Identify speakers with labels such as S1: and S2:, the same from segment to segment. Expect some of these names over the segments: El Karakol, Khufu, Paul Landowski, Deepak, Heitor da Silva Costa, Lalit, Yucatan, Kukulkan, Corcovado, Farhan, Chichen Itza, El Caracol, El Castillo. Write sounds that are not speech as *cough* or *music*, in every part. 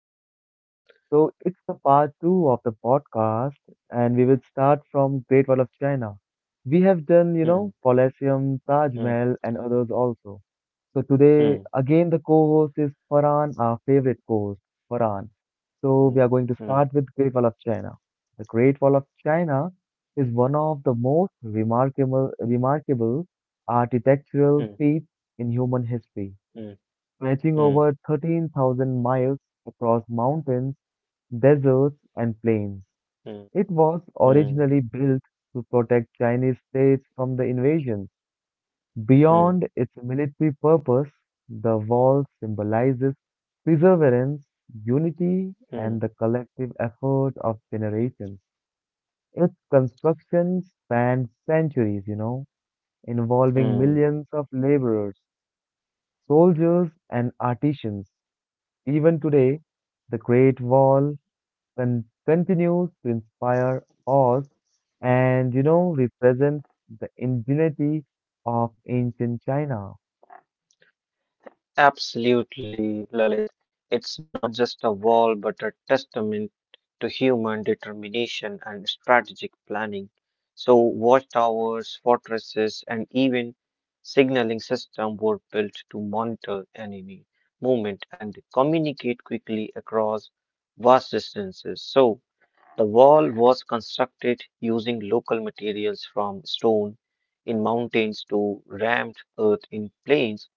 S1: everybody? So, it's the part two of the podcast, and we will start from Great Wall of China. We have done, you know,
S2: mm,
S1: Colosseum, Taj Mahal,
S2: mm,
S1: and others also. So, today, again, the co host is Farhan, our favorite co host, Farhan. So, we
S2: mm,
S1: are going to
S2: mm,
S1: start with Great Wall of China. The Great Wall of China is one of the most remarkable architectural
S2: mm,
S1: feats in human history
S2: mm, mm,
S1: stretching over
S2: mm,
S1: 13,000 miles across mountains, deserts, and plains. It was originally
S2: mm,
S1: built to protect Chinese states from the invasions. Beyond
S2: mm,
S1: its military purpose, the wall symbolizes perseverance, unity, and the
S2: mm,
S1: collective effort of generations. Its construction spanned centuries, you know, involving
S2: mm.
S1: millions of laborers, soldiers, and artisans. Even today, the Great Wall continues to inspire us and, you know, represents the ingenuity of ancient China.
S2: Absolutely, Lalit. It's not just a wall, but a testament to human determination and strategic planning. So, watchtowers, fortresses, and even signaling systems were built to monitor enemy movement and communicate quickly across vast distances. So, the wall was constructed using local materials from stone in mountains to rammed earth in plains,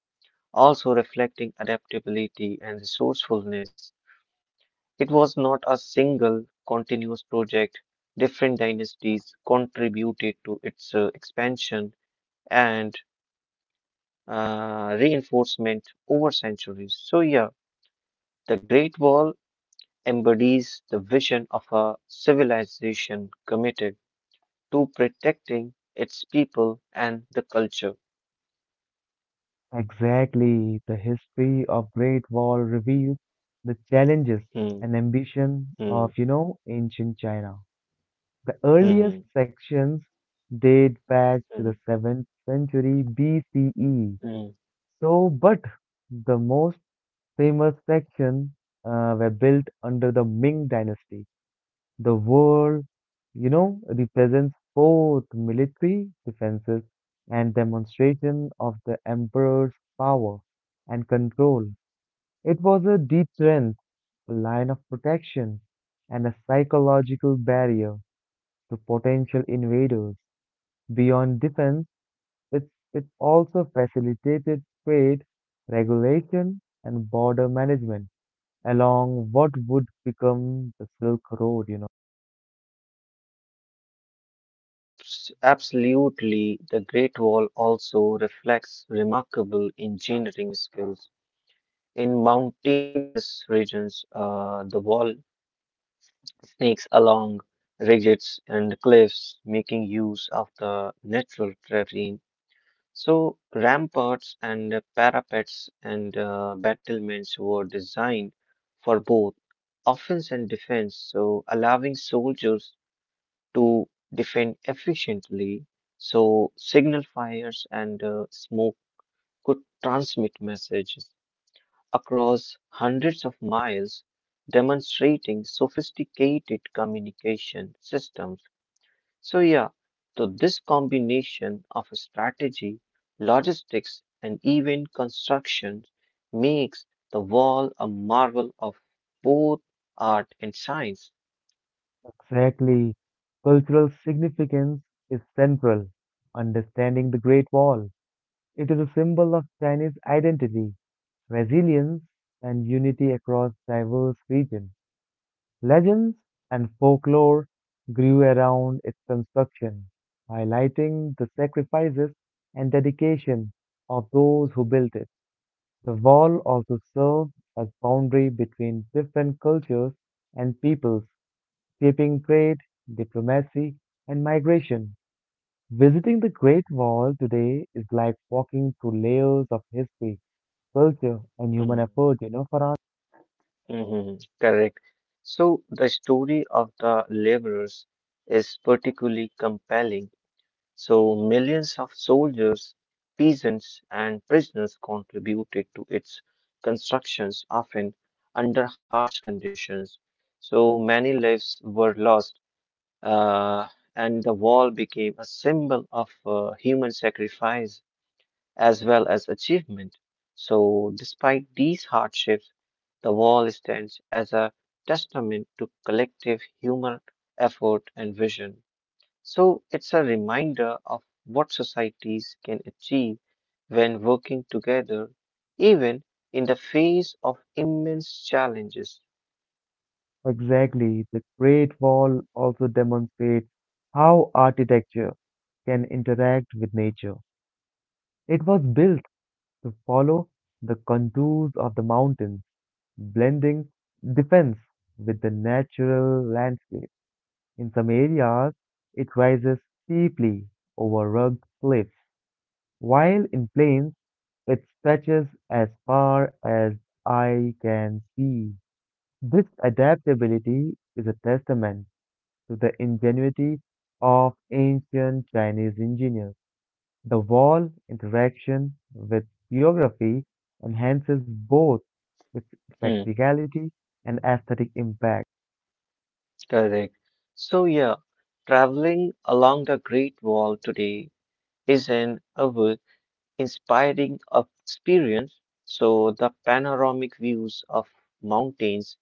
S2: also reflecting adaptability and resourcefulness. It was not a single continuous project. Different dynasties contributed to its expansion and reinforcement over centuries. So, yeah, the Great Wall embodies the vision of a civilization committed to protecting its people and the culture.
S1: Exactly, the history of Great Wall reveals the challenges
S2: Hmm,
S1: and ambition
S2: hmm,
S1: of, you know, ancient China. The earliest
S2: hmm,
S1: sections date back to
S2: hmm,
S1: the 7th century BCE.
S2: hmm.
S1: So, but the most famous sections were built under the Ming Dynasty. The wall, you know, represents both military defenses and demonstration of the emperor's power and control. It was a deterrent, a line of protection, and a psychological barrier to potential invaders. Beyond defense, it, it also facilitated trade, regulation, and border management along what would become the Silk Road, you know.
S2: Absolutely, the Great Wall also reflects remarkable engineering skills. In mountainous regions, the wall snakes along ridges and cliffs, making use of the natural terrain. So, ramparts and parapets and battlements were designed for both offense and defense, so allowing soldiers to defend efficiently. So, signal fires and smoke could transmit messages across hundreds of miles, demonstrating sophisticated communication systems. So yeah, so this combination of strategy, logistics, and even construction makes the wall a marvel of both art and science.
S1: Exactly. Cultural significance is central. Understanding the Great Wall, it is a symbol of Chinese identity, resilience, and unity across diverse regions. Legends and folklore grew around its construction, highlighting the sacrifices and dedication of those who built it. The wall also serves as boundary between different cultures and peoples, shaping trade, diplomacy, and migration. Visiting the Great Wall today is like walking through layers of history, culture, and human
S2: Hmm,
S1: effort, you know, Farhan?
S2: mhm, correct. So the story of the laborers is particularly compelling. So millions of soldiers, peasants, and prisoners contributed to its constructions, often under harsh conditions. So many lives were lost, uh, and the wall became a symbol of human sacrifice as well as achievement. So, despite these hardships, the wall stands as a testament to collective human effort and vision. So it's a reminder of what societies can achieve when working together, even in the face of immense challenges.
S1: Exactly. The Great Wall also demonstrates how architecture can interact with nature. It was built to follow the contours of the mountains blending defense with the natural landscape. In some areas, it rises steeply over rugged cliffs, while in plains, it stretches as far as I can see. This adaptability is a testament to the ingenuity of ancient Chinese engineers. The wall interaction with geography enhances both its
S2: Hmm,
S1: practicality and aesthetic impact.
S2: correct. So, yeah, traveling along the Great Wall today is an awe- inspiring experience. So, the panoramic views of mountains,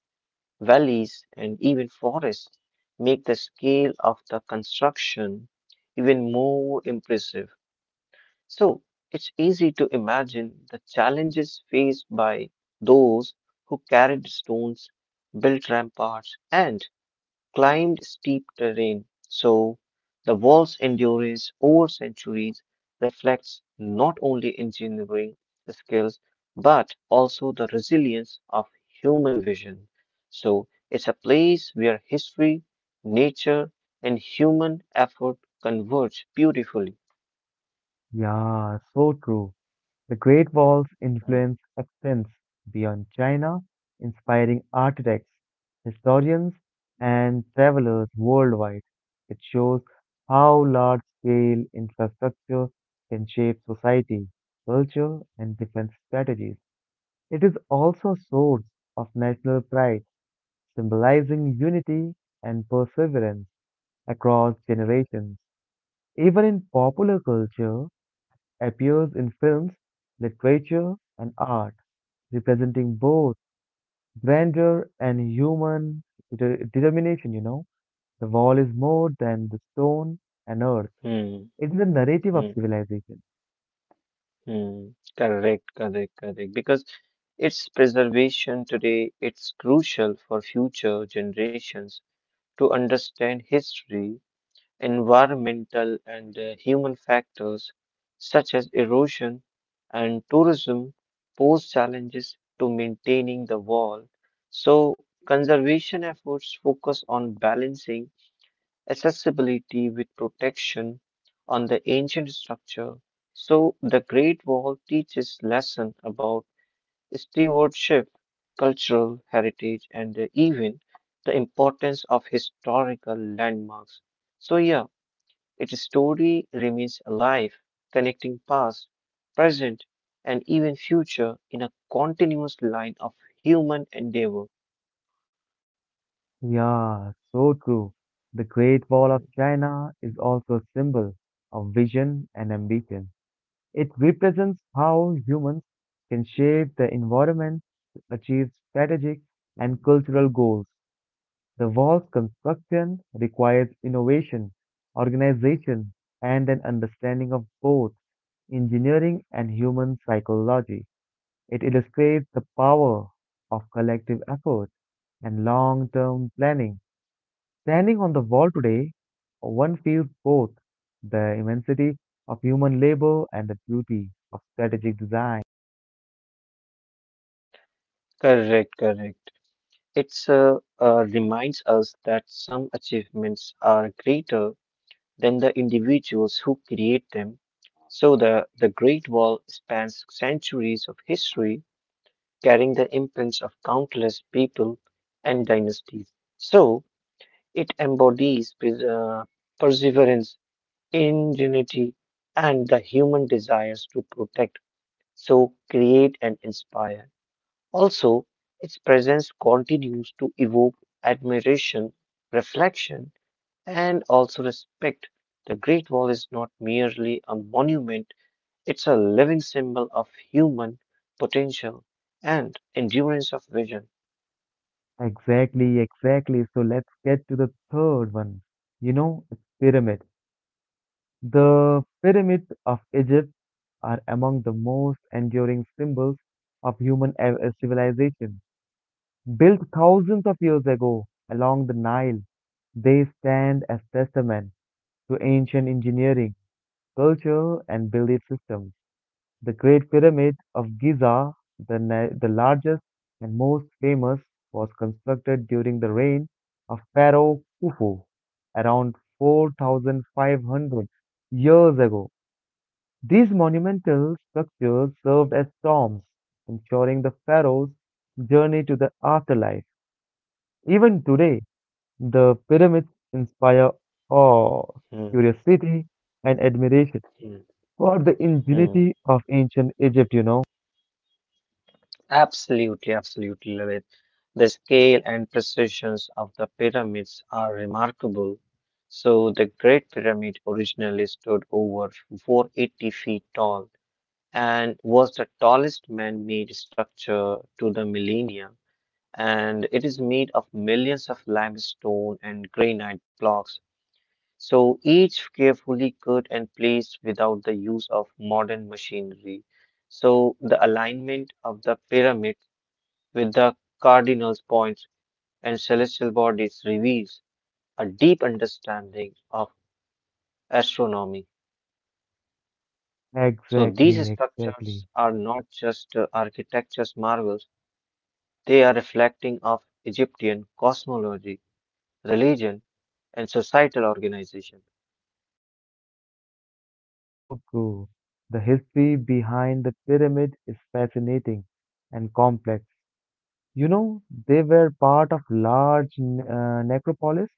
S2: valleys, and even forests make the scale of the construction even more impressive. So it's easy to imagine the challenges faced by those who carried stones, built ramparts, and climbed steep terrain. So the wall's endurance over centuries reflects not only engineering skills but also the resilience of human vision. So it's a place where history, nature, and human effort converge beautifully.
S1: Yeah, so true. The Great Wall's
S2: Mm,
S1: influence extends beyond China, inspiring architects, historians, and travelers worldwide. It shows how large-scale infrastructure can shape society, culture, and defense strategies. It is also a source of national pride, symbolizing unity and perseverance across generations. Even in popular culture, appears in films, literature, and art, representing both grandeur and human determination, you know. The wall is more than the stone and earth.
S2: mm,
S1: It's the narrative of
S2: mm.
S1: civilization.
S2: Mm, correct, correct, correct. Because its preservation today, it's crucial for future generations to understand history, environmental and human factors such as erosion and tourism pose challenges to maintaining the wall. So conservation efforts focus on balancing accessibility with protection on the ancient structure. So the Great Wall teaches lesson about stewardship, cultural heritage, and even the importance of historical landmarks. So yeah, its story remains alive, connecting past, present, and even future in a continuous line of human endeavor.
S1: Yeah, so true. The Great Wall of
S2: Mhm.
S1: China is also a symbol of vision and ambition. It represents how humans can shape the environment to achieve strategic and cultural goals. The wall's construction requires innovation, organization, and an understanding of both engineering and human psychology. It illustrates the power of collective effort and long term planning. Standing on the wall today, one feels both the immensity of human labor and the beauty of strategic design.
S2: Correct, correct. It's reminds us that some achievements are greater than the individuals who create them. So the Great Wall spans centuries of history, carrying the imprints of countless people and dynasties. So it embodies perseverance, ingenuity, and the human desires to protect, so create and inspire. Also, its presence continues to evoke admiration, reflection, and also respect. The Great Wall is not merely a monument, it's a living symbol of human potential and endurance of vision.
S1: Exactly, exactly. So let's get to the third one. You know, it's pyramid. The pyramids of Egypt are among the most enduring symbols of human civilization. Built thousands of years ago along the Nile, they stand as testament to ancient engineering, culture, and belief systems. The Great Pyramid of Giza, the largest and most famous, was constructed during the reign of Pharaoh Khufu around 4,500 years ago. These monumental structures served as tombs, ensuring the pharaoh's journey to the afterlife. Even today, the pyramids inspire awe,
S2: Hmm,
S1: curiosity, and admiration
S2: hmm,
S1: for the
S2: hmm.
S1: ingenuity of ancient Egypt, you know.
S2: Absolutely, absolutely love it. The scale and precisions of the pyramids are remarkable. So, the Great Pyramid originally stood over 480 feet tall and was the tallest man-made structure to the millennia, and it is made of millions of limestone and granite blocks, so each carefully cut and placed without the use of modern machinery. So the alignment of the pyramid with the cardinals points and celestial bodies reveals a deep understanding of astronomy. So
S1: Exactly,
S2: these
S1: exactly.
S2: structures are not just architecture's marvels. They are reflecting of Egyptian cosmology, religion, and societal organization.
S1: So true. The history behind the pyramid is fascinating and complex. You know, they were part of large necropolis,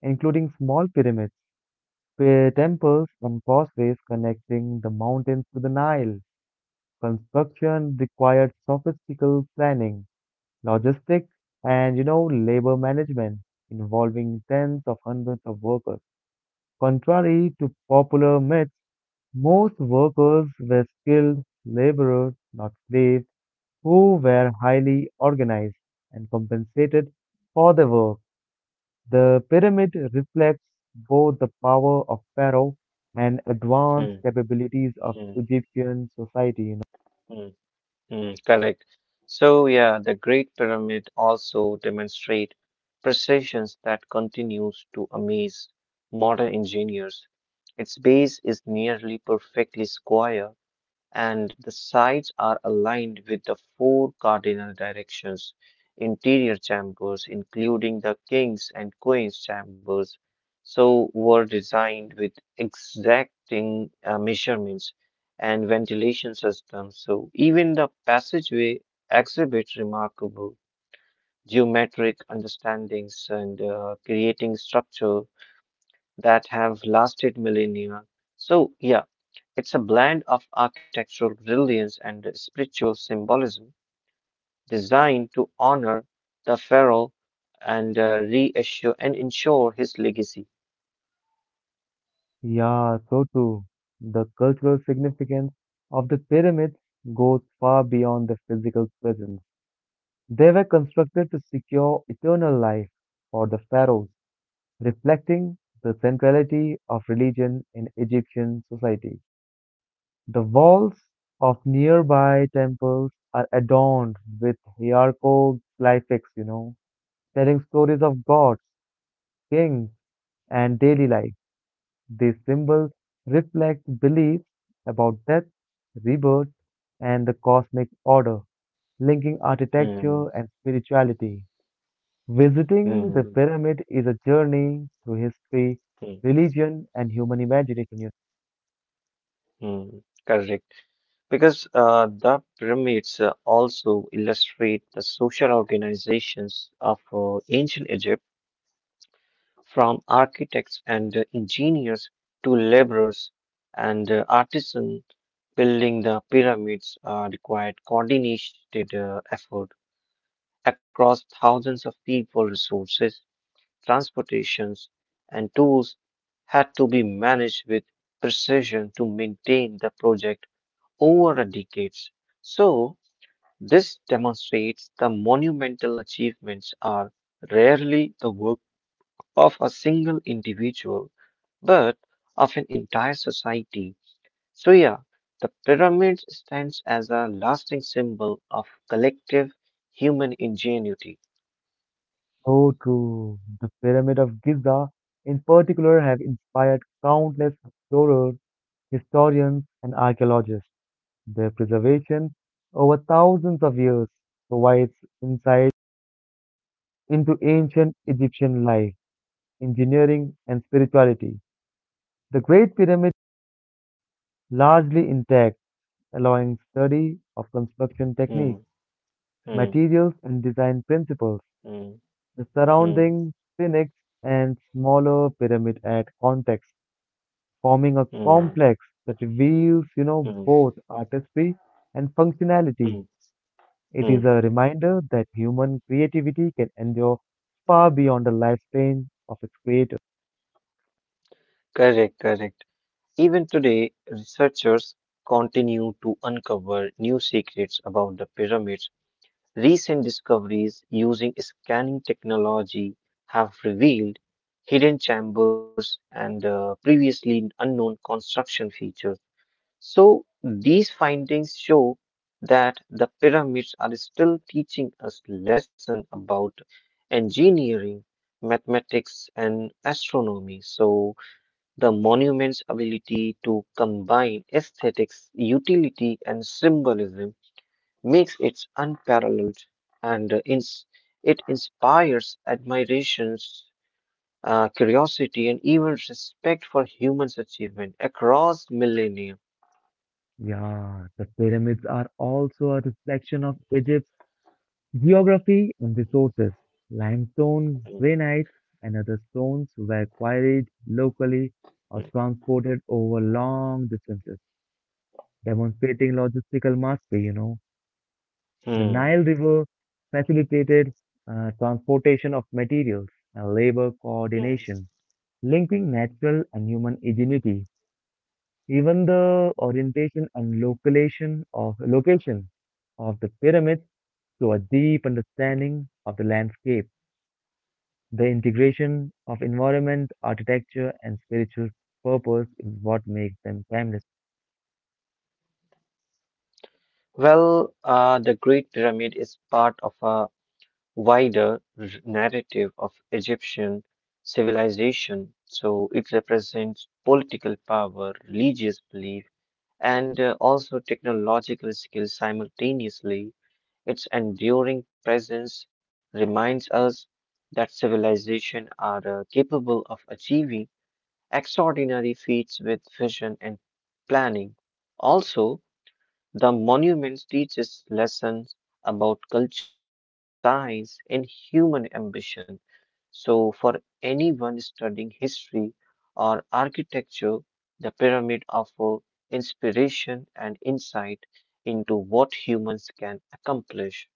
S1: including small pyramids temples and causeways connecting the mountains to the Nile. Construction required sophisticated planning, logistics, and you know labor management involving tens of hundreds of workers. Contrary to popular myths, most workers were skilled laborers, not slaves, who were highly organized and compensated for their work. The pyramid reflects both the power of pharaoh and advanced
S2: Hmm,
S1: capabilities of
S2: hmm,
S1: Egyptian society. You know?
S2: hmm, hmm, correct. So yeah, the Great Pyramid also demonstrate precisions that continues to amaze modern engineers. Its base is nearly perfectly square and the sides are aligned with the four cardinal directions. Interior chambers including the kings and queens chambers so were designed with exacting measurements and ventilation systems, so even the passageway exhibits remarkable geometric understandings and creating structure that have lasted millennia. So, yeah, it's a blend of architectural brilliance and spiritual symbolism designed to honor the pharaoh and reassure and ensure his legacy.
S1: Yeah, so too. The cultural significance of the pyramids goes far beyond their physical presence. They were constructed to secure eternal life for the pharaohs, reflecting the centrality of religion in Egyptian society. The walls of nearby temples are adorned with hieroglyphics, you know, telling stories of gods, kings, and daily life. These symbols reflect beliefs about death, rebirth, and the cosmic order, linking
S2: Hmm,
S1: architecture and spirituality. Visiting the
S2: hmm,
S1: pyramid is a journey through history,
S2: hmm,
S1: religion, and human imagination,
S2: hmm. Correct. Because the pyramids also illustrate the social organizations of ancient Egypt. From architects and engineers to laborers and artisans, building the pyramids required coordinated effort across thousands of people. Resources, transportations, and tools had to be managed with precision to maintain the project over a decades. So this demonstrates the monumental achievements are rarely the work of a single individual, but of an entire society. So, yeah, the pyramid stands as a lasting symbol of collective human ingenuity.
S1: So true. The Pyramid of Giza, in particular, have inspired countless explorers, historians, and archaeologists. Their preservation over thousands of years provides insight into ancient Egyptian life, engineering, and spirituality. The Great Pyramid largely intact, allowing study of construction techniques,
S2: Hmm, hmm,
S1: materials, and design principles.
S2: hmm,
S1: The
S2: hmm,
S1: surrounding Sphinx and smaller pyramid add context forming a
S2: hmm,
S1: complex that reveals, you know,
S2: hmm,
S1: both artistry and
S2: hmm,
S1: functionality. It
S2: hmm.
S1: is a reminder that human creativity can endure far beyond the lifespan of its creator.
S2: Correct, correct. Even today, researchers continue to uncover new secrets about the pyramids. Recent discoveries using scanning technology have revealed hidden chambers and previously unknown construction features. So, these findings show that the pyramids are still teaching us lesson about engineering, mathematics, and astronomy. So, the monument's ability to combine aesthetics, utility, and symbolism makes it unparalleled and it inspires admiration, curiosity, and even respect for humans' achievement across millennia.
S1: Yeah, the pyramids are also a reflection of Egypt's geography and resources. Limestone, granite, and other stones were quarried locally or transported over long distances, demonstrating logistical mastery, you know. The Nile
S2: Hmm.
S1: River facilitated transportation of materials and labor coordination, linking natural and human ingenuity. Even the orientation and location of the pyramids to a deep understanding of the landscape. The integration of environment, architecture, and spiritual purpose is what makes them timeless.
S2: Well, the Great Pyramid is part of a wider narrative of Egyptian civilization. So it represents political power, religious belief, and also technological skills simultaneously. Its enduring presence reminds us that civilizations are capable of achieving extraordinary feats with vision and planning. Also, the monuments teach us lessons about culture, science, and human ambition. So, for anyone studying history or architecture, the pyramid offers inspiration and insight into what humans can accomplish.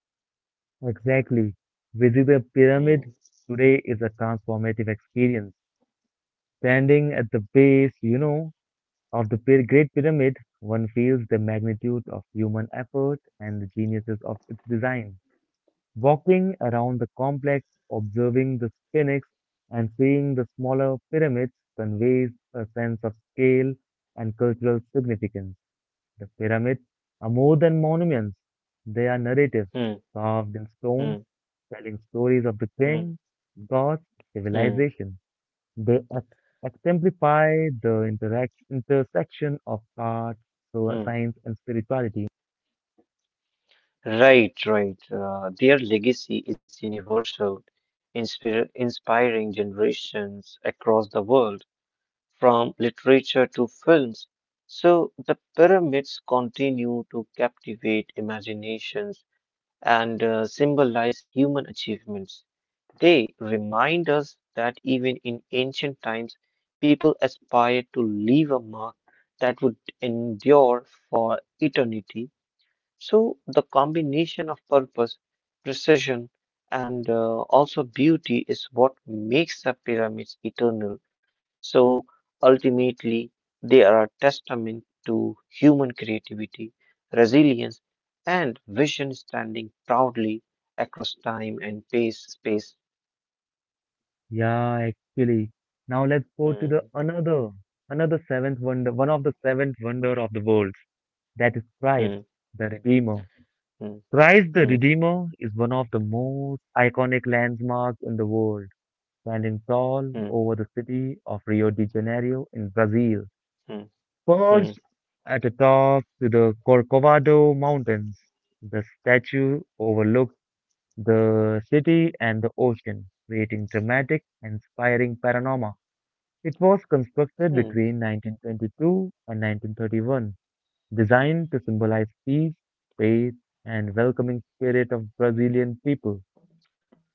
S1: Exactly. Visiting the
S2: Hmm.
S1: pyramid today is a transformative experience. Standing at the base, you know, of the Great Pyramid, one feels the magnitude of human effort and the geniuses of its design. Walking around the complex, observing the sphinx, and seeing the smaller pyramids conveys a sense of scale and cultural significance. The pyramids are more than monuments, they are narratives
S2: Mm,
S1: carved in stone,
S2: mm,
S1: telling stories of the king,
S2: mm,
S1: gods,
S2: mm,
S1: civilization. They exemplify the intersection of art, so
S2: mm.
S1: science, and spirituality.
S2: Right, right. Their legacy is universal, inspiring generations across the world, from literature to films. So the pyramids continue to captivate imaginations and symbolize human achievements. They remind us that even in ancient times, people aspired to leave a mark that would endure for eternity. So the combination of purpose, precision, and also beauty is what makes the pyramids eternal. So ultimately, they are a testament to human creativity, resilience, and vision, standing proudly across time and space.
S1: Yeah, actually. Now let's go to the
S2: Hmm,
S1: another, another seventh wonder, one of the seventh wonder of the world. That is Christ,
S2: hmm,
S1: the Redeemer.
S2: hmm,
S1: Christ the
S2: hmm,
S1: Redeemer is one of the most iconic landmarks in the world, standing tall
S2: hmm,
S1: over the city of Rio de Janeiro in Brazil.
S2: hmm, hmm,
S1: Perched at the top of the Corcovado Mountains, the statue overlooks the city and the ocean, creating dramatic, inspiring panorama. It was constructed
S2: hmm,
S1: between 1922 and 1931, designed to symbolize peace, faith, and welcoming spirit of Brazilian people.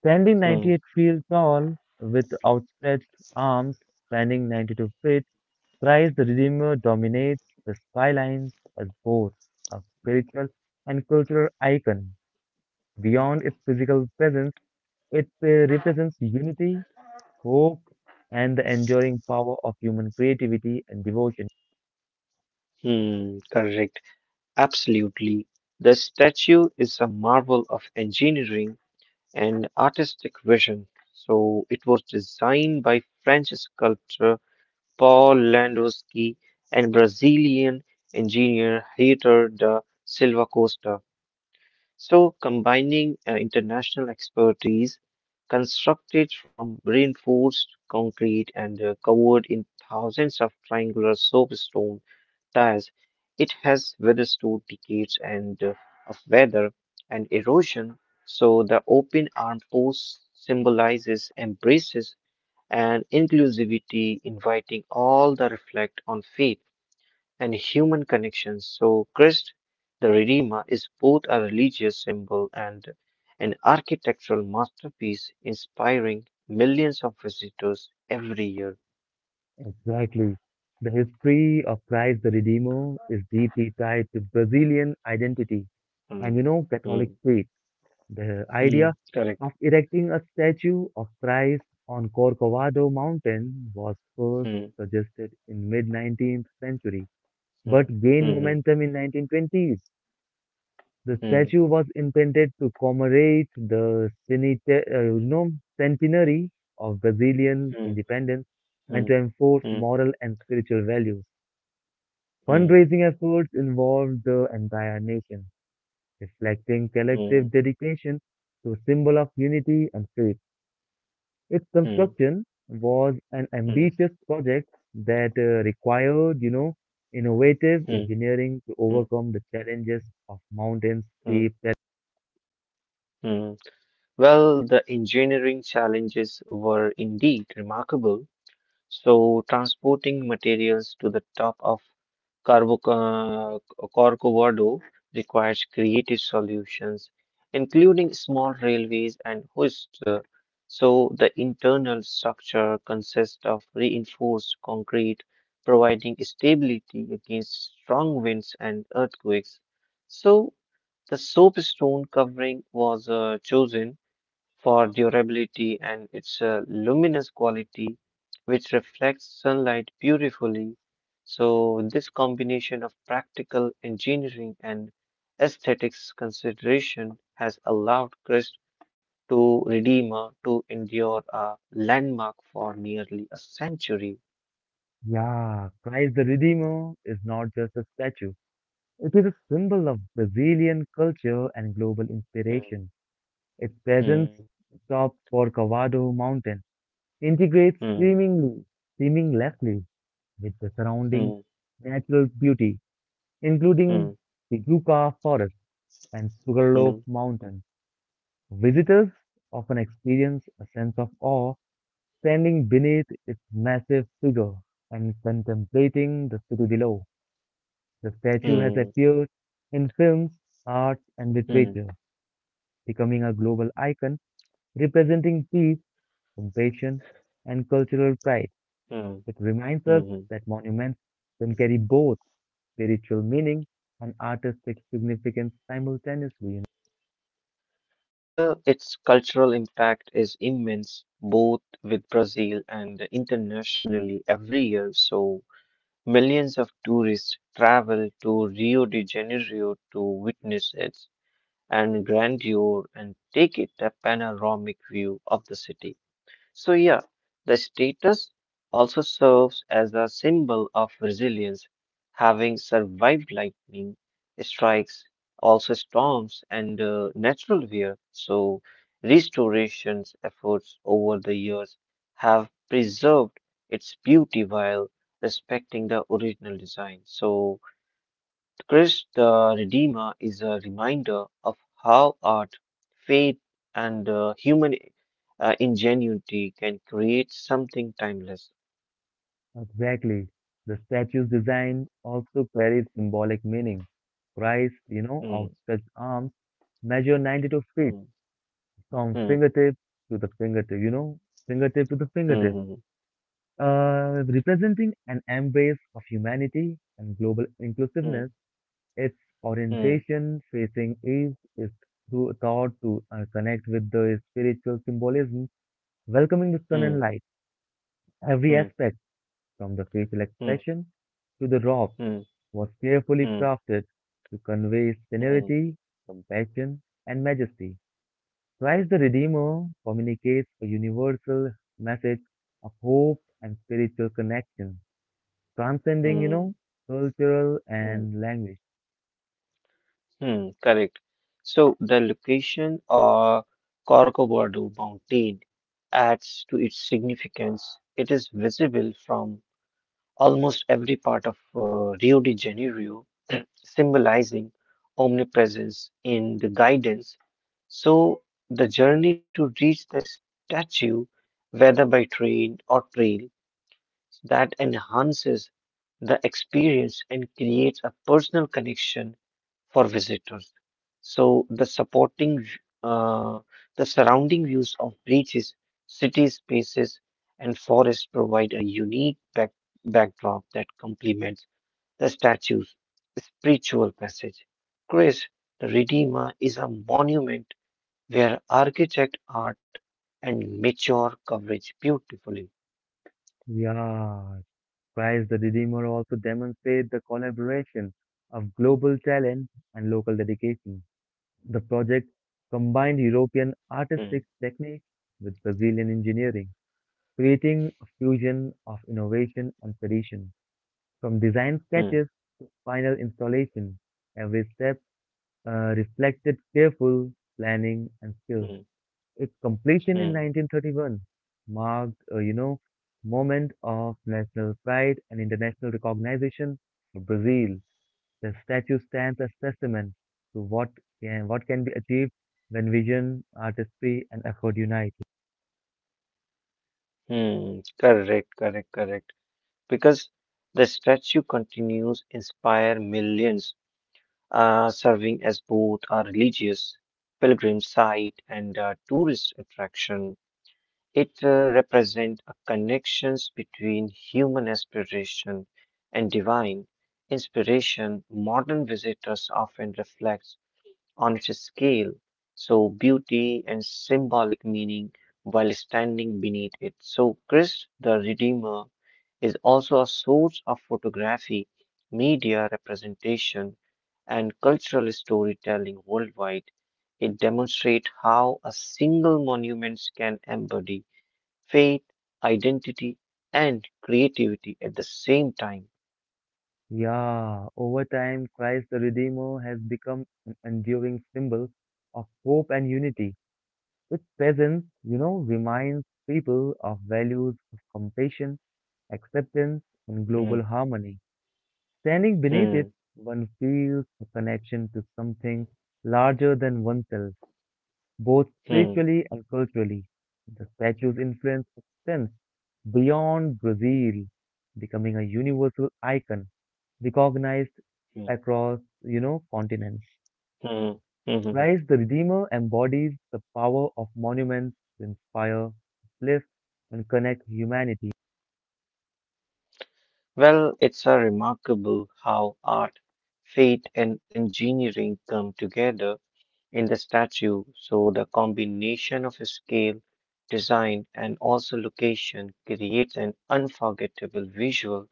S1: Standing
S2: hmm,
S1: 98 feet tall with outstretched arms spanning 92 feet, Christ the Redeemer dominates the skylines as both a spiritual and cultural icon. Beyond its physical presence, it represents unity, hope, and the enduring power of human creativity and devotion.
S2: hmm, correct. Absolutely. The statue is a marvel of engineering and artistic vision. So it was designed by French sculptor Paul Landowski and Brazilian engineer Heitor da Silva Costa. So combining international expertise, constructed from reinforced concrete and covered in thousands of triangular soapstone tires. It has withstood decades and of weather and erosion, so the open armed post symbolizes embraces and inclusivity, inviting all the reflect on faith and human connections. So Christ the Redeemer is both a religious symbol and an architectural masterpiece inspiring millions of visitors every year.
S1: Exactly. The history of Christ the Redeemer is deeply tied to Brazilian identity and you
S2: Mm,
S1: know Catholic
S2: mm,
S1: faith. The idea
S2: mm, correct.
S1: of erecting a statue of Christ on Corcovado Mountain was first
S2: Mm,
S1: suggested in mid-19th century,
S2: mm,
S1: but gained
S2: mhm.
S1: momentum in 1920s. The
S2: Mm,
S1: statue was intended to commemorate the you know, centenary of Brazilian
S2: mm,
S1: independence and
S2: mm,
S1: to enforce
S2: mm,
S1: moral and spiritual values.
S2: mm,
S1: Fundraising efforts involved the entire nation, reflecting
S2: mm,
S1: collective dedication to a symbol of unity and faith. Its
S2: mm,
S1: construction was an
S2: mm,
S1: ambitious project that required, you know, innovative
S2: mm,
S1: engineering to
S2: mm,
S1: overcome the challenges of mountains,
S2: mm,
S1: steep terrain.
S2: mm. Well, the engineering challenges were indeed remarkable. So, transporting materials to the top of Carbo Corcovado requires creative solutions, including small railways and hoists. So the internal structure consists of reinforced concrete, providing stability against strong winds and earthquakes. So the soapstone covering was chosen for durability and its luminous quality, which reflects sunlight beautifully. So, this combination of practical engineering and aesthetics consideration has allowed Crest to Redeemer to endure a landmark for nearly a century.
S1: Yeah, Christ the Redeemer is not just a statue. It is a symbol of Brazilian culture and global
S2: Hmm,
S1: inspiration. Its presence
S2: hmm,
S1: atop Corcovado Mountain integrates
S2: hmm,
S1: seamlessly with the surrounding natural beauty, including
S2: hmm,
S1: the Yucca Forest and Sugarloaf
S2: hmm,
S1: Mountain. Visitors often experience a sense of awe standing beneath its massive figure and contemplating the city below. The statue has
S2: hmm, hmm,
S1: appeared in films, art, and
S2: hmm,
S1: literature, becoming a global icon representing peace, compassion, and cultural pride.
S2: hmm,
S1: It reminds
S2: hmm,
S1: us
S2: hmm.
S1: that monuments can carry both spiritual meaning and artistic significance simultaneously.
S2: Well, its cultural impact is immense, both with Brazil and internationally every year. So, millions of tourists travel to Rio de Janeiro to witness its and grandeur and take it a panoramic view of the city. So, yeah, the status also serves as a symbol of resilience, having survived lightning strikes, also storms, and natural wear. So, restoration efforts over the years have preserved its beauty while respecting the original design. So, Christ the Redeemer is a reminder of how art, faith, and human ingenuity can create something timeless.
S1: Exactly. The statue's design also carries symbolic meaning. Christ, you know,
S2: Hmm,
S1: outstretched arms measure 92 feet
S2: hmm,
S1: from
S2: hmm,
S1: fingertip to the fingertip, you know, fingertip to the fingertip,
S2: hmm,
S1: representing an embrace of humanity and global
S2: hmm,
S1: inclusiveness. Its
S2: hmm,
S1: orientation facing east is thought to connect with the spiritual symbolism, welcoming the sun
S2: hmm,
S1: and light. Every
S2: hmm,
S1: aspect, from the facial
S2: hmm,
S1: expression to the raw
S2: hmm,
S1: was carefully
S2: hmm,
S1: crafted to convey
S2: hmm, hmm,
S1: severity, compassion, and majesty. Christ the Redeemer communicates a universal message of hope and spiritual connection, transcending, you
S2: hmm,
S1: know, cultural
S2: hmm,
S1: and language.
S2: hmm. Correct. So the location of Corcovado mountain adds to its significance. It is visible from almost every part of Rio de Janeiro, *clears throat* symbolizing omnipresence in the guidance. So, the journey to reach the statue, whether by train or trail, that enhances the experience and creates a personal connection for visitors. So uh, the surrounding views of beaches, city spaces, and forests provide a unique backdrop that complements the statue's spiritual message. Chris, the Redeemer is a monument where architect art and mature coverage beautifully.
S1: Yeah, Christ the Redeemer also demonstrates the collaboration of global talent and local dedication. The project combined European
S2: Hmm,
S1: artistic techniques with Brazilian engineering creating a fusion of innovation and tradition. From design
S2: hmm,
S1: sketches to final installation, every step reflected careful planning and skill.
S2: hmm,
S1: Its completion in
S2: hmm,
S1: 1931 marked a moment of national pride and international recognition for Brazil. The statue stands as testament to what can be achieved when vision, artistry, and effort unite.
S2: hmm. Correct, correct, correct. Because the statue continues inspire millions, serving as both a religious pilgrim site and a tourist attraction. It represents a connections between human aspiration and divine inspiration. Modern visitors often reflect on its scale, so beauty and symbolic meaning while standing beneath it. So Christ the Redeemer is also a source of photography, media representation, and cultural storytelling worldwide. It demonstrates how a single monument can embody faith, identity, and creativity at the same time.
S1: Yeah, over time, Christ the Redeemer has become an enduring symbol of hope and unity. Its presence, you know, reminds people of values of compassion, acceptance, and
S2: Hmm,
S1: global harmony. Standing beneath it,
S2: hmm,
S1: one feels a connection to something larger than oneself, both
S2: hmm,
S1: spiritually and culturally. The statue's influence extends beyond Brazil, becoming a universal icon recognized
S2: hmm,
S1: across continents.
S2: hmm, hmm, hmm.
S1: Christ the Redeemer embodies the power of monuments to inspire, uplift, and connect humanity.
S2: Well, it's a remarkable how art, faith, and engineering come together in the statue, so the combination of scale, design, and also location creates an unforgettable visual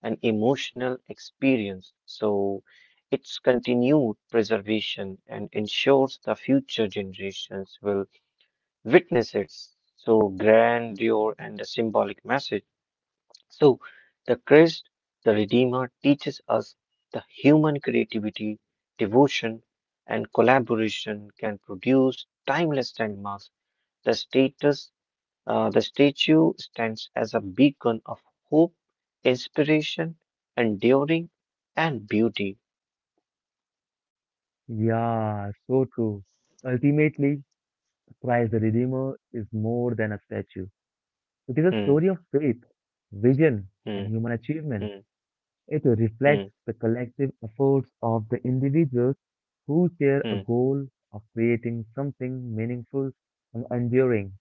S2: and emotional experience. So its continued preservation and ensures the future generations will witness its so grandeur and the symbolic message. So, the Christ, the Redeemer, teaches us the human creativity, devotion, and collaboration can produce timeless landmarks. The status, the statue stands as a beacon of hope, inspiration, enduring, and beauty.
S1: Yeah, so true. Ultimately, Christ the Redeemer is more than a statue. It is a
S2: Hmm,
S1: story of faith, vision, and
S2: hmm,
S1: human achievement.
S2: hmm,
S1: It
S2: hmm,
S1: reflects the collective efforts of the individuals who share a
S2: hmm,
S1: goal of creating something meaningful and enduring.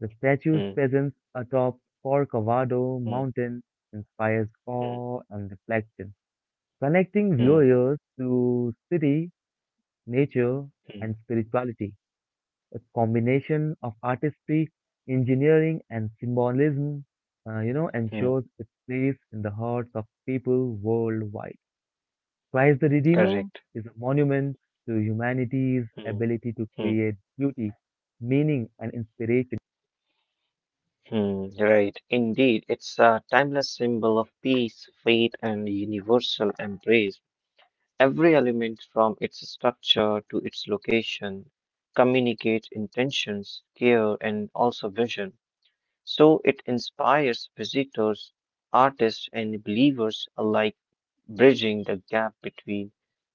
S1: The statue's
S2: hmm,
S1: presence atop Corcovado
S2: hmm,
S1: Mountain inspires
S2: hmm,
S1: awe and reflection, connecting
S2: hmm,
S1: viewers to city, nature,
S2: hmm,
S1: and spirituality. A combination of artistry, engineering, and symbolism,
S2: hmm.
S1: ensures its place in the hearts of people worldwide. Christ the Redeemer
S2: Correct.
S1: is a monument to humanity's
S2: Hmm,
S1: ability to
S2: hmm.
S1: create beauty, meaning, and inspiration,
S2: Hmm, right, indeed, it's a timeless symbol of peace, faith, and universal embrace. Every element, from its structure to its location, communicates intentions, care, and also vision. So it inspires visitors, artists, and believers alike, bridging the gap between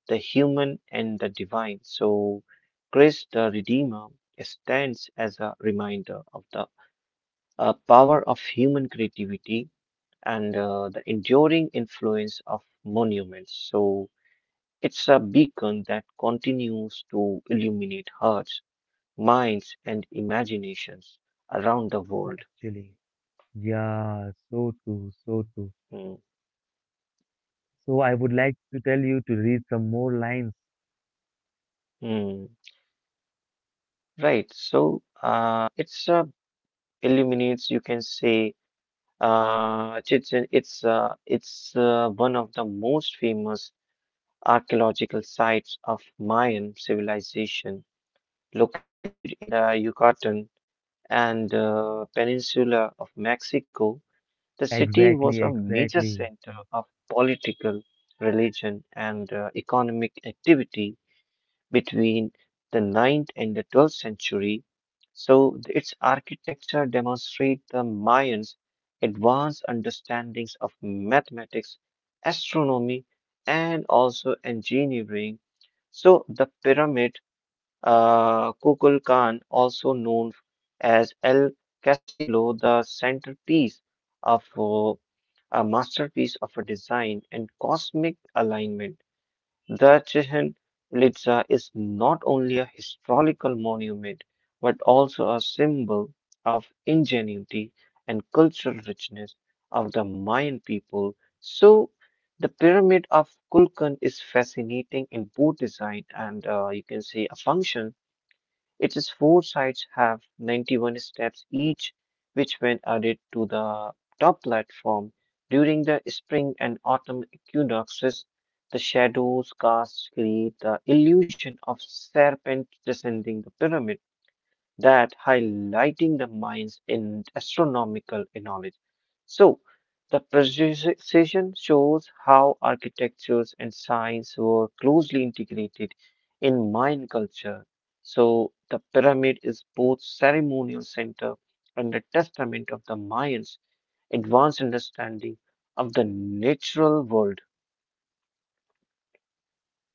S2: the human and the divine. So Christ the Redeemer stands as a reminder of the power of human creativity and the enduring influence of monuments. So it's a beacon that continues to illuminate hearts, minds, and imaginations around the world.
S1: actually. Yeah, so true, so true.
S2: Mm,
S1: So I would like to tell you to read some more lines.
S2: mm. Right. So it's illuminates. You can say Chichen. It's one of the most famous archaeological sites of Mayan civilization located in the Yucatan and Peninsula of Mexico, the city was
S1: Exactly,
S2: a major
S1: exactly.
S2: center of political, religion, and economic activity between the ninth and the 12th century. So its architecture demonstrates the Mayans' advanced understandings of mathematics, astronomy, and also engineering. So the pyramid. Kukulkan, also known as El Castillo, the centerpiece of a masterpiece of a design and cosmic alignment. The Chichen Itza is not only a historical monument but also a symbol of ingenuity and cultural richness of the Mayan people. So, the pyramid of Kulkan is fascinating in both design and you can say a function its four sides have 91 steps each, which, when added to the top platform during the spring and autumn equinoxes, the shadows cast create the illusion of serpent descending the pyramid that highlighting the mines in astronomical knowledge. So, the precision shows how architectures and science were closely integrated in Mayan culture. So, the pyramid is both ceremonial center and a testament of the Mayans' advanced understanding of the natural world.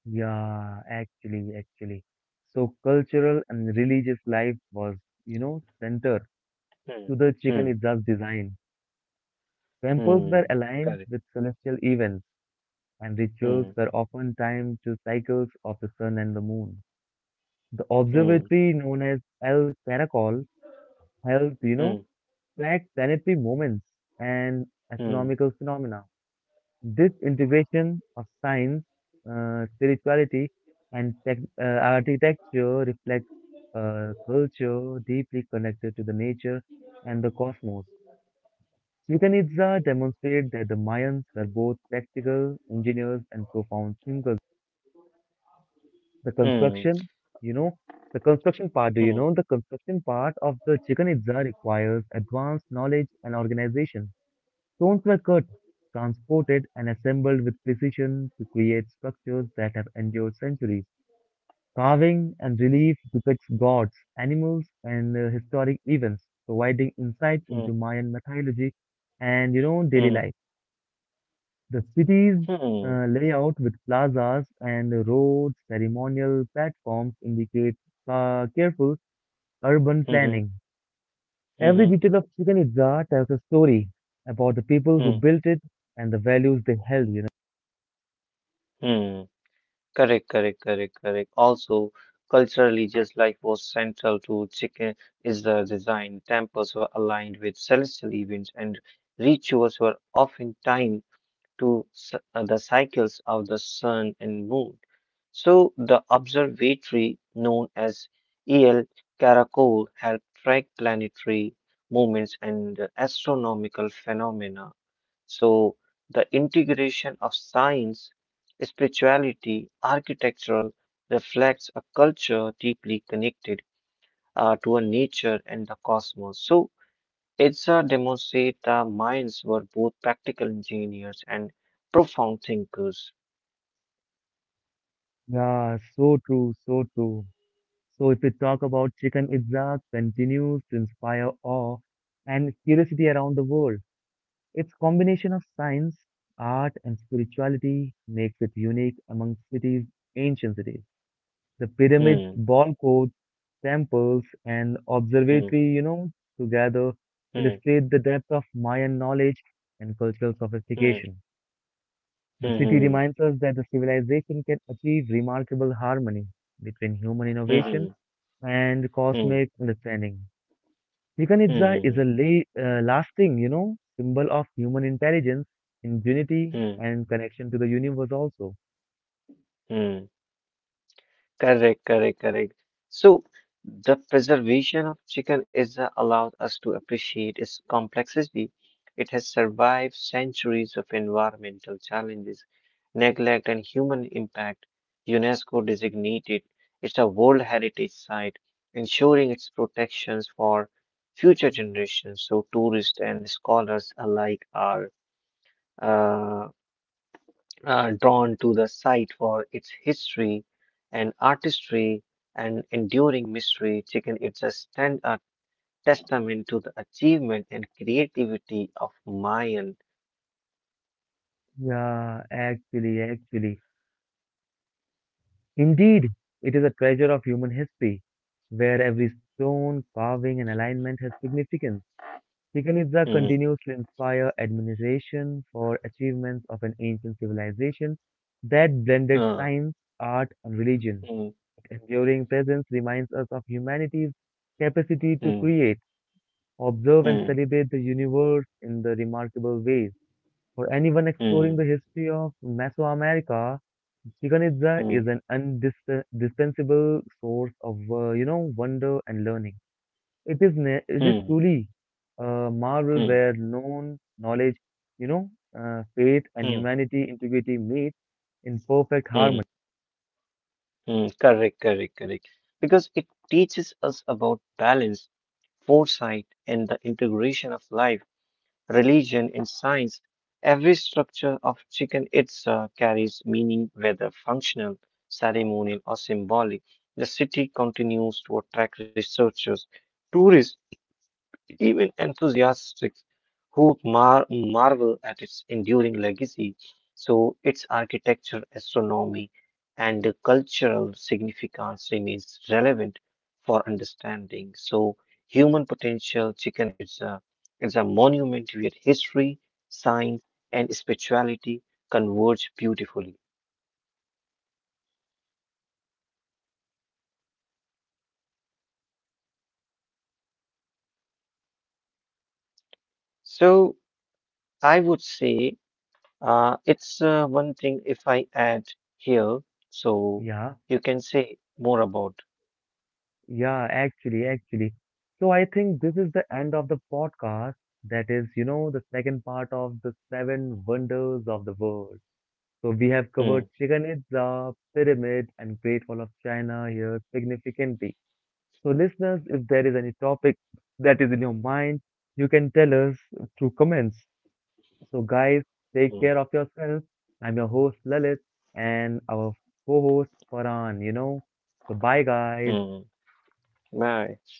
S1: Yeah, actually, actually. So cultural and religious life was, you know, center
S2: Hmm.
S1: to the chicken
S2: Hmm.
S1: itself design. Temples were
S2: Hmm.
S1: aligned
S2: Correct.
S1: with celestial events, and rituals
S2: Hmm.
S1: were often timed to cycles of the sun and the moon. The
S2: Hmm.
S1: observatory known as El Caracol held, you know,
S2: Hmm.
S1: tracked planetary moments and
S2: Hmm.
S1: astronomical phenomena. This integration of science, spirituality, and architecture reflects a culture deeply connected to the nature and the cosmos. Chichen Itza demonstrates that the Mayans were both practical engineers and profound thinkers. The
S2: Hmm.
S1: construction, you know, the construction part, do you
S2: Hmm.
S1: know, the construction part of the Chichen Itza requires advanced knowledge and organization. Stones were cut, transported, and assembled with precision to create structures that have endured centuries. Carving and relief depicts gods, animals, and historic events, providing insight into
S2: Hmm.
S1: Mayan mythology and daily
S2: Hmm.
S1: life.
S2: hmm.
S1: The city's
S2: Hmm.
S1: layout with plazas and roads, ceremonial platforms indicate careful urban
S2: Mhm.
S1: planning. Every
S2: Mhm.
S1: detail of Chichen Itza tells a story about the people who
S2: Mhm.
S1: built it and the values they held.
S2: Mhm. Correct, correct, correct, correct. Also, culturally, just like was central to chicken Israel design, temples were aligned with celestial events, and rituals were often timed to the cycles of the sun and moon. So, the observatory known as El Karakol helped track planetary movements and astronomical phenomena. So, the integration of science, spirituality, architectural reflects a culture deeply connected to a nature and the cosmos. So, ITSA demonstrates the minds were both practical engineers and profound thinkers.
S1: Yeah, so true, so true. So if we talk about Chicken Itza continues to inspire awe and curiosity around the world. Its combination of science, art, and spirituality makes it unique among cities, ancient cities. The pyramid,
S2: Hmm,
S1: ball courts, temples, and
S2: hmm,
S1: observatory together
S2: hmm,
S1: illustrate the depth of Mayan knowledge and cultural
S2: hmm,
S1: sophistication. The city
S2: hmm,
S1: reminds us that the civilization can achieve remarkable harmony between human innovation
S2: hmm,
S1: and
S2: hmm, hmm,
S1: cosmic understanding. Chichen
S2: hmm,
S1: Itza is
S2: hmm,
S1: a lasting symbol of human intelligence, ingenuity,
S2: hmm,
S1: and connection to the universe also.
S2: hmm. Correct, correct, correct. So, the preservation of chicken is allowed us to appreciate its complexity. It has survived centuries of environmental challenges, neglect, and human impact. UNESCO designated it's a World Heritage Site, ensuring its protections for future generations. So, tourists and scholars alike are uh, drawn to the site for its history and artistry and enduring mystery. Chicken it's a stand a testament to the achievement and creativity of Mayan.
S1: Yeah, actually, actually. Indeed, it is a treasure of human history, where every stone, carving, and alignment has significance. Chichen
S2: Mm,
S1: continues to inspire admiration for achievements of an ancient civilization that blended
S2: uh,
S1: science, art, and religion.
S2: mm,
S1: Its enduring presence reminds us of humanity's capacity to
S2: mm,
S1: create, observe, and
S2: mm,
S1: celebrate the universe in the remarkable ways. For anyone exploring
S2: mm,
S1: the history of Mesoamerica, Chichen Itza
S2: mm,
S1: is an indispensable source of wonder and learning. It is
S2: mm,
S1: truly a marvel
S2: mm,
S1: where known knowledge, you know, faith and
S2: mm,
S1: humanity integrity meet in perfect harmony.
S2: mm, mm. Correct, correct, correct. Because it teaches us about balance, foresight, and the integration of life. Religion, and science, every structure of chicken itza carries meaning, whether functional, ceremonial, or symbolic. The city continues to attract researchers, tourists, even enthusiasts who marvel at its enduring legacy, so its architecture, astronomy, and cultural significance remains relevant for understanding. So, human potential, chicken is a monument where history, science, and spirituality converge beautifully. So, I would say it's one thing if I add here, so
S1: Yeah,
S2: you can say more about.
S1: yeah, actually, actually. So I think this is the end of the podcast. That is, you know, the second part of the seven wonders of the world. So we have covered
S2: Hmm,
S1: Chichen Itza, pyramid, and Great Wall of China here significantly. So, listeners, if there is any topic that is in your mind, you can tell us through comments. So, guys, take
S2: hmm,
S1: care of yourselves. I'm your host, Lalit, and our co host, Farhan. You know, so bye, guys.
S2: hmm. Bye.